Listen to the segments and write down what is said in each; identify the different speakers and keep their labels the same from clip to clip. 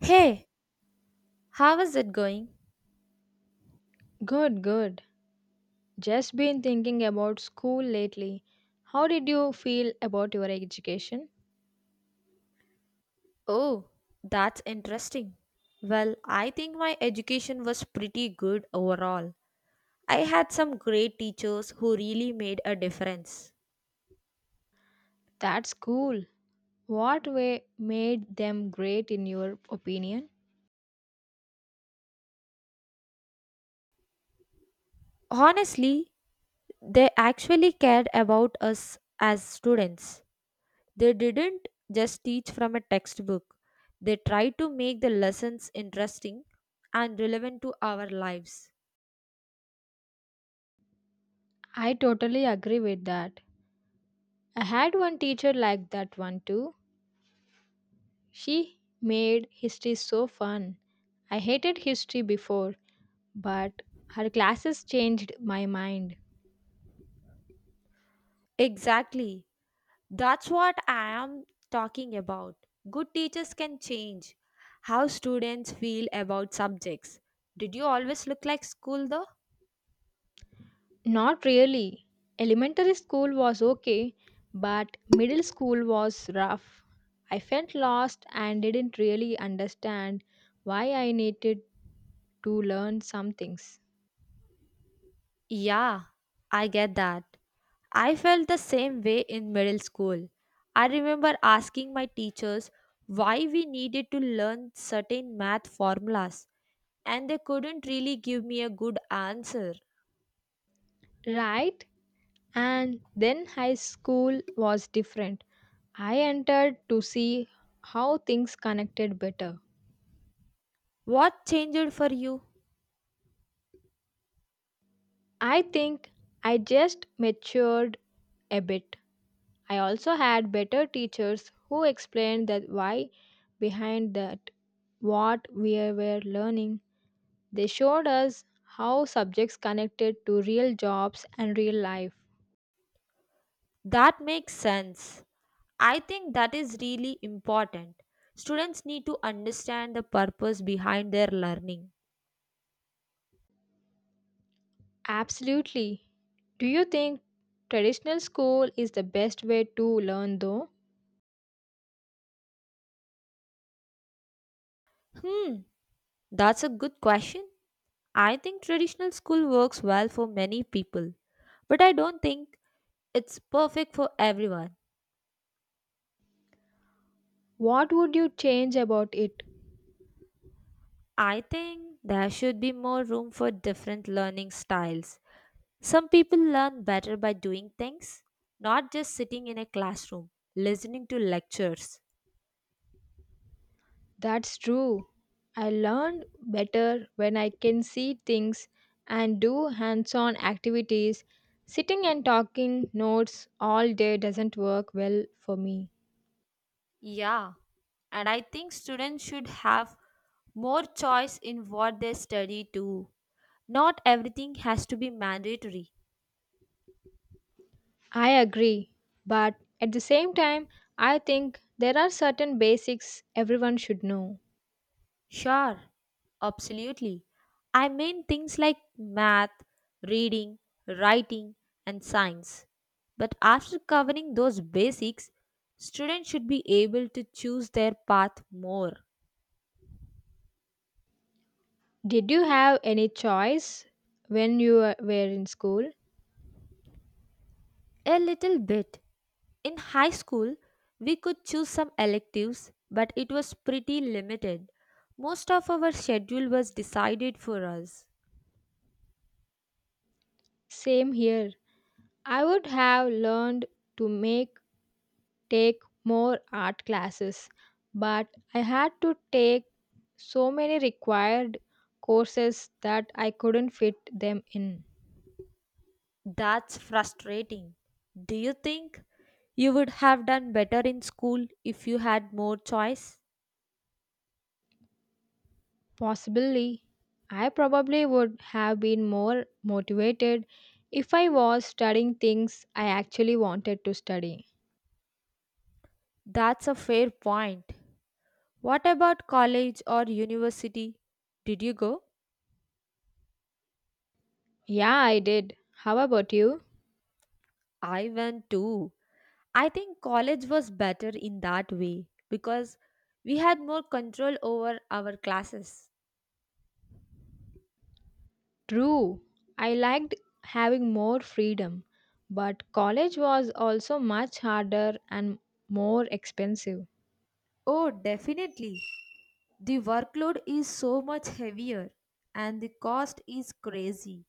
Speaker 1: Hey, how is it going?
Speaker 2: Good, good. Just been thinking about school lately. How did you feel about your education?
Speaker 1: Oh, that's interesting. Well, I think my education was pretty good overall. I had some great teachers who really made a difference.
Speaker 2: That's cool. What way made them great in your opinion?
Speaker 1: Honestly, they actually cared about us as students. They didn't just teach from a textbook, they tried to make the lessons interesting and relevant to our lives.
Speaker 2: I totally agree with that. I had one teacher like that one too. She made history so fun. I hated history before, but her classes changed my mind.
Speaker 1: Exactly. That's what I am talking about. Good teachers can change how students feel about subjects. Did you always look like school though?
Speaker 2: Not really. Elementary school was okay, but middle school was rough. I felt lost and didn't really understand why I needed to learn some things.
Speaker 1: Yeah, I get that. I felt the same way in middle school. I remember asking my teachers why we needed to learn certain math formulas, and they couldn't really give me a good answer.
Speaker 2: Right? And then high school was different. I entered to see how things connected better.
Speaker 1: What changed for you?
Speaker 2: I think I just matured a bit. I also had better teachers who explained the why behind that what we were learning. They showed us how subjects connected to real jobs and real life.
Speaker 1: That makes sense. I think that is really important. Students need to understand the purpose behind their learning.
Speaker 2: Absolutely. Do you think traditional school is the best way to learn though?
Speaker 1: Hmm, that's a good question. I think traditional school works well for many people, but I don't think it's perfect for everyone.
Speaker 2: What would you change about it?
Speaker 1: I think there should be more room for different learning styles. Some people learn better by doing things, not just sitting in a classroom, listening to lectures.
Speaker 2: That's true. I learn better when I can see things and do hands on activities. Sitting and talking notes all day doesn't work well for me.
Speaker 1: Yeah, and I think students should have more choice in what they study too. Not everything has to be mandatory.
Speaker 2: I agree, but at the same time, I think there are certain basics everyone should know.
Speaker 1: Sure, absolutely. I mean things like math, reading, writing, and science. But after covering those basics, students should be able to choose their path more.
Speaker 2: Did you have any choice when you were in school?
Speaker 1: A little bit. In high school, we could choose some electives, but it was pretty limited. Most of our schedule was decided for us.
Speaker 2: Same here. I would have learned to make take more art classes, but I had to take so many required courses that I couldn't fit them in.
Speaker 1: That's frustrating. Do you think you would have done better in school if you had more choice?
Speaker 2: Possibly, I probably would have been more motivated if I was studying things I actually wanted to study.
Speaker 1: That's a fair point. What about college or university? Did you go?
Speaker 2: Yeah, I did. How about you?
Speaker 1: I went too. I think college was better in that way because we had more control over our classes.
Speaker 2: True, I liked having more freedom, but college was also much harder and more expensive.
Speaker 1: Oh, definitely. The workload is so much heavier and the cost is crazy.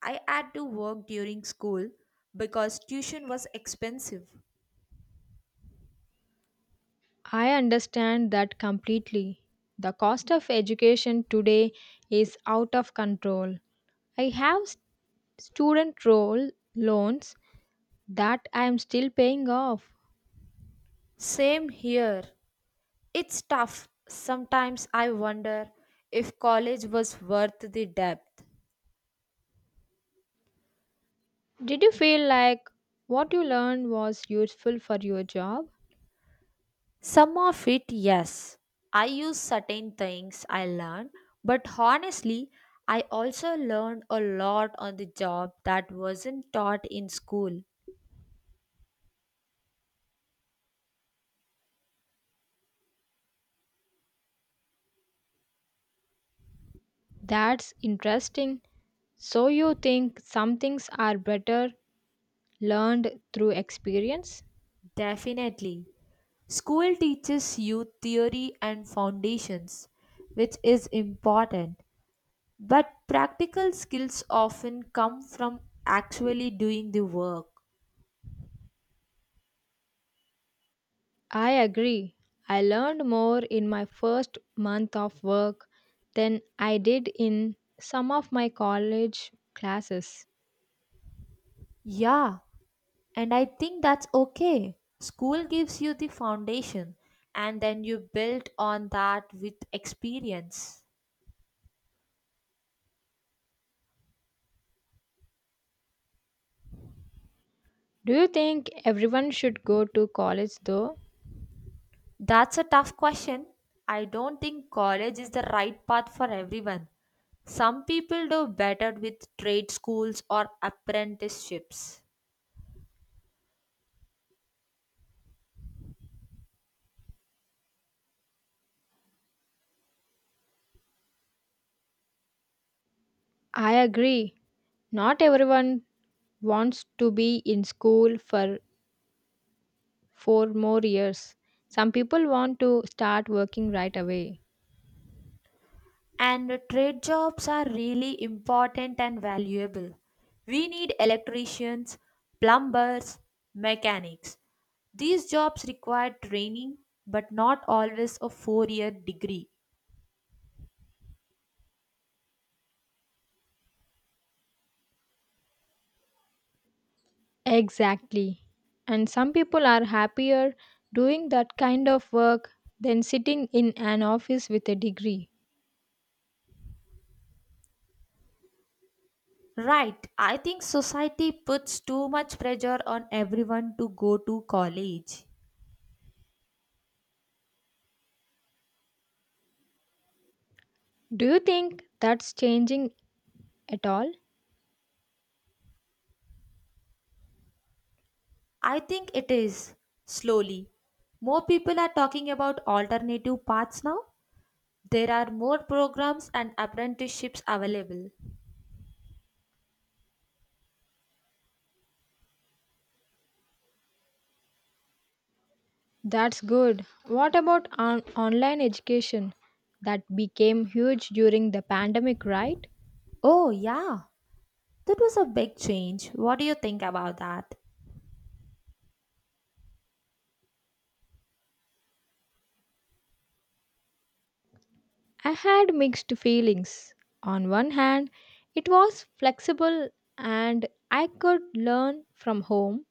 Speaker 1: I had to work during school because tuition was expensive.
Speaker 2: I understand that completely. The cost of education today is out of control. I have student role loans that I am still paying off.
Speaker 1: Same here. It's tough. Sometimes I wonder if college was worth the depth.
Speaker 2: Did you feel like what you learned was useful for your job?
Speaker 1: Some of it, yes. I use certain things I learned, but honestly, I also learned a lot on the job that wasn't taught in school.
Speaker 2: That's interesting. So you think some things are better learned through experience?
Speaker 1: Definitely. School teaches you theory and foundations, which is important, but practical skills often come from actually doing the work.
Speaker 2: I agree. I learned more in my first month of work than I did in some of my college classes.
Speaker 1: Yeah, and I think that's okay. School gives you the foundation, and then you build on that with experience.
Speaker 2: Do you think everyone should go to college though?
Speaker 1: That's a tough question. I don't think college is the right path for everyone. Some people do better with trade schools or apprenticeships.
Speaker 2: I agree. Not everyone wants to be in school for four more years. Some people want to start working right away.
Speaker 1: And trade jobs are really important and valuable. We need electricians, plumbers, mechanics. These jobs require training, but not always a 4-year degree.
Speaker 2: Exactly. And some people are happier doing that kind of work than sitting in an office with a degree.
Speaker 1: Right, I think society puts too much pressure on everyone to go to college.
Speaker 2: Do you think that's changing at all?
Speaker 1: I think it is slowly. More people are talking about alternative paths now. There are more programs and apprenticeships available.
Speaker 2: That's good. What about online education that became huge during the pandemic, right?
Speaker 1: Oh, yeah, that was a big change. What do you think about that?
Speaker 2: I had mixed feelings. On one hand, it was flexible and I could learn from home,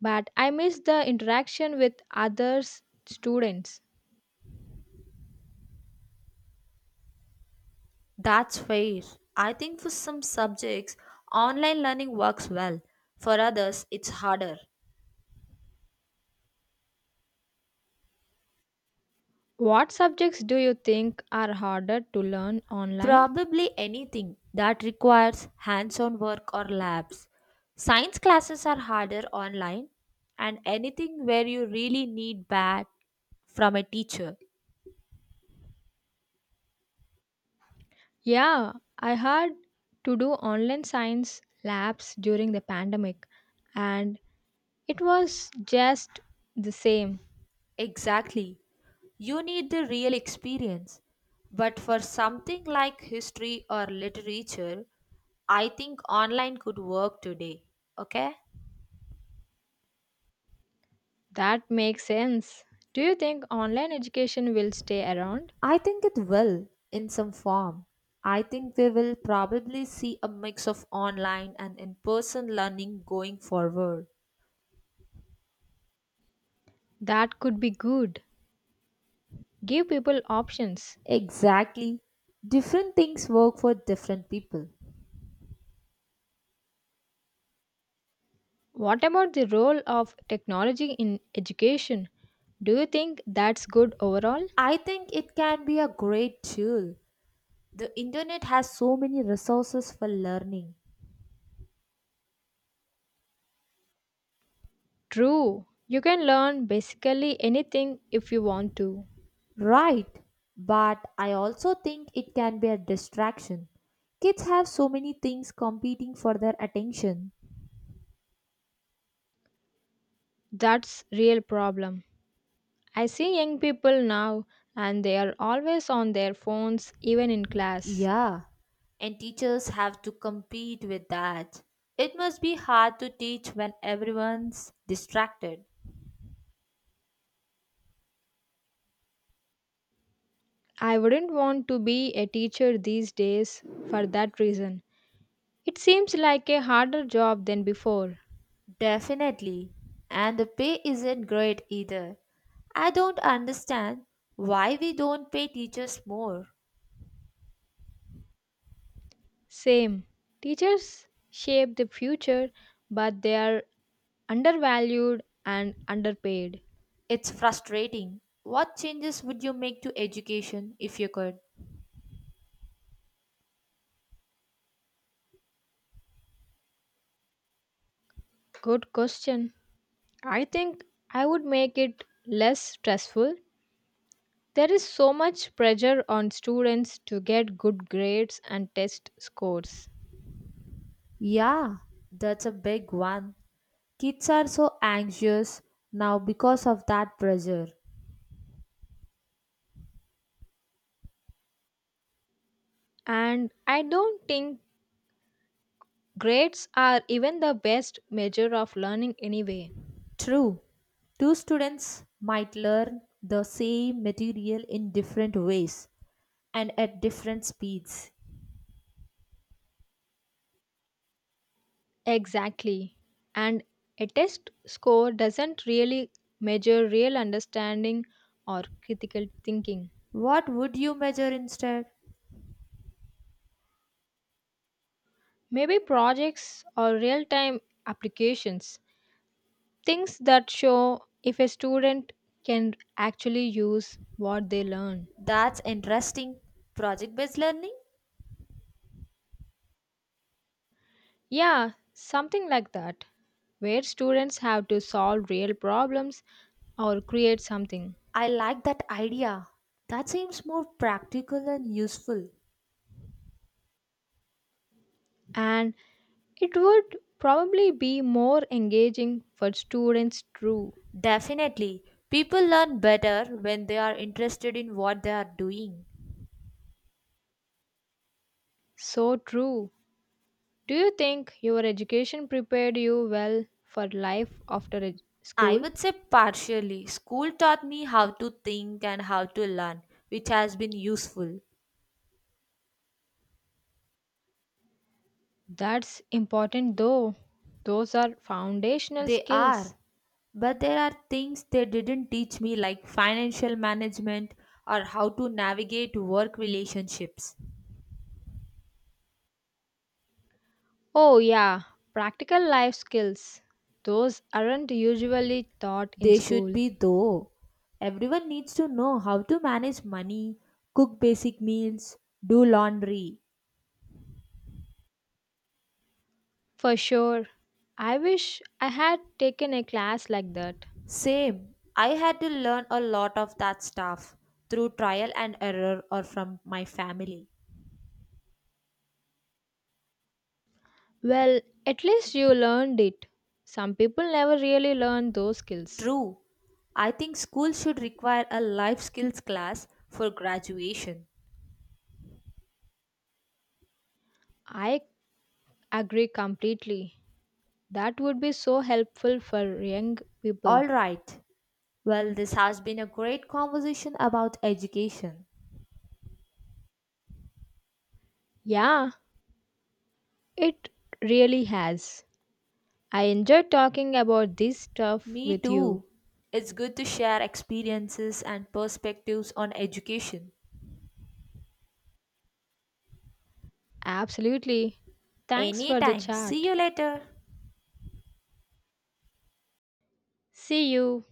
Speaker 2: but I missed the interaction with others students.
Speaker 1: That's fair. I think for some subjects, online learning works well. For others, it's harder.
Speaker 2: What subjects do you think are harder to learn online?
Speaker 1: Probably anything that requires hands on work or labs. Science classes are harder online, and anything where you really need bad from a teacher.
Speaker 2: Yeah, I had to do online science labs during the pandemic, and it was just the same.
Speaker 1: Exactly. You need the real experience. But for something like history or literature, I think online could work today. Okay?
Speaker 2: That makes sense. Do you think online education will stay around?
Speaker 1: I think it will in some form. I think we will probably see a mix of online and in person learning going forward.
Speaker 2: That could be good. Give people options.
Speaker 1: Exactly. Different things work for different people.
Speaker 2: What about the role of technology in education? Do you think that's good overall?
Speaker 1: I think it can be a great tool. The internet has so many resources for learning.
Speaker 2: True. You can learn basically anything if you want to.
Speaker 1: Right. But I also think it can be a distraction. Kids have so many things competing for their attention.
Speaker 2: That's real problem. I see young people now and they are always on their phones even in class.
Speaker 1: Yeah, and teachers have to compete with that. It must be hard to teach when everyone's distracted.
Speaker 2: I wouldn't want to be a teacher these days for that reason. It seems like a harder job than before.
Speaker 1: Definitely. And the pay isn't great either. I don't understand why we don't pay teachers more.
Speaker 2: Same. Teachers shape the future, but they are undervalued and underpaid.
Speaker 1: It's frustrating. What changes would you make to education if you could?
Speaker 2: Good question. I think I would make it less stressful. There is so much pressure on students to get good grades and test scores.
Speaker 1: Yeah, that's a big one. Kids are so anxious now because of that pressure.
Speaker 2: And I don't think grades are even the best measure of learning anyway.
Speaker 1: True, two students might learn the same material in different ways and at different speeds.
Speaker 2: Exactly. And a test score doesn't really measure real understanding or critical thinking.
Speaker 1: What would you measure instead?
Speaker 2: Maybe projects or real time applications, things that show if a student can actually use what they learn.
Speaker 1: That's interesting. Project based learning?
Speaker 2: Yeah, something like that, where students have to solve real problems or create something.
Speaker 1: I like that idea. That seems more practical and useful.
Speaker 2: And it would probably be more engaging for students, too.
Speaker 1: Definitely, people learn better when they are interested in what they are doing.
Speaker 2: So true. Do you think your education prepared you well for life after
Speaker 1: I
Speaker 2: school?
Speaker 1: would say partially. School taught me how to think and how to learn, which has been useful.
Speaker 2: That's important though. Those are foundational
Speaker 1: They
Speaker 2: skills.
Speaker 1: are, but there are things they didn't teach me, like financial management or how to navigate work relationships.
Speaker 2: Oh, yeah, practical life skills. Those aren't usually taught in
Speaker 1: They should
Speaker 2: school.
Speaker 1: be, though. Everyone needs to know how to manage money, cook basic meals, do laundry.
Speaker 2: For sure. I wish I had taken a class like that.
Speaker 1: Same. I had to learn a lot of that stuff through trial and error or from my family.
Speaker 2: Well, at least you learned it. Some people never really learn those skills.
Speaker 1: True. I think school should require a life skills class for graduation.
Speaker 2: I agree completely. That would be so helpful for young people.
Speaker 1: All right. Well, this has been a great conversation about education.
Speaker 2: Yeah, it really has. I enjoyed talking about this stuff
Speaker 1: Me
Speaker 2: with you.
Speaker 1: too. It's good to share experiences and perspectives on education.
Speaker 2: Absolutely. Thanks for the
Speaker 1: Anytime. See
Speaker 2: chat.
Speaker 1: you later.
Speaker 2: See you.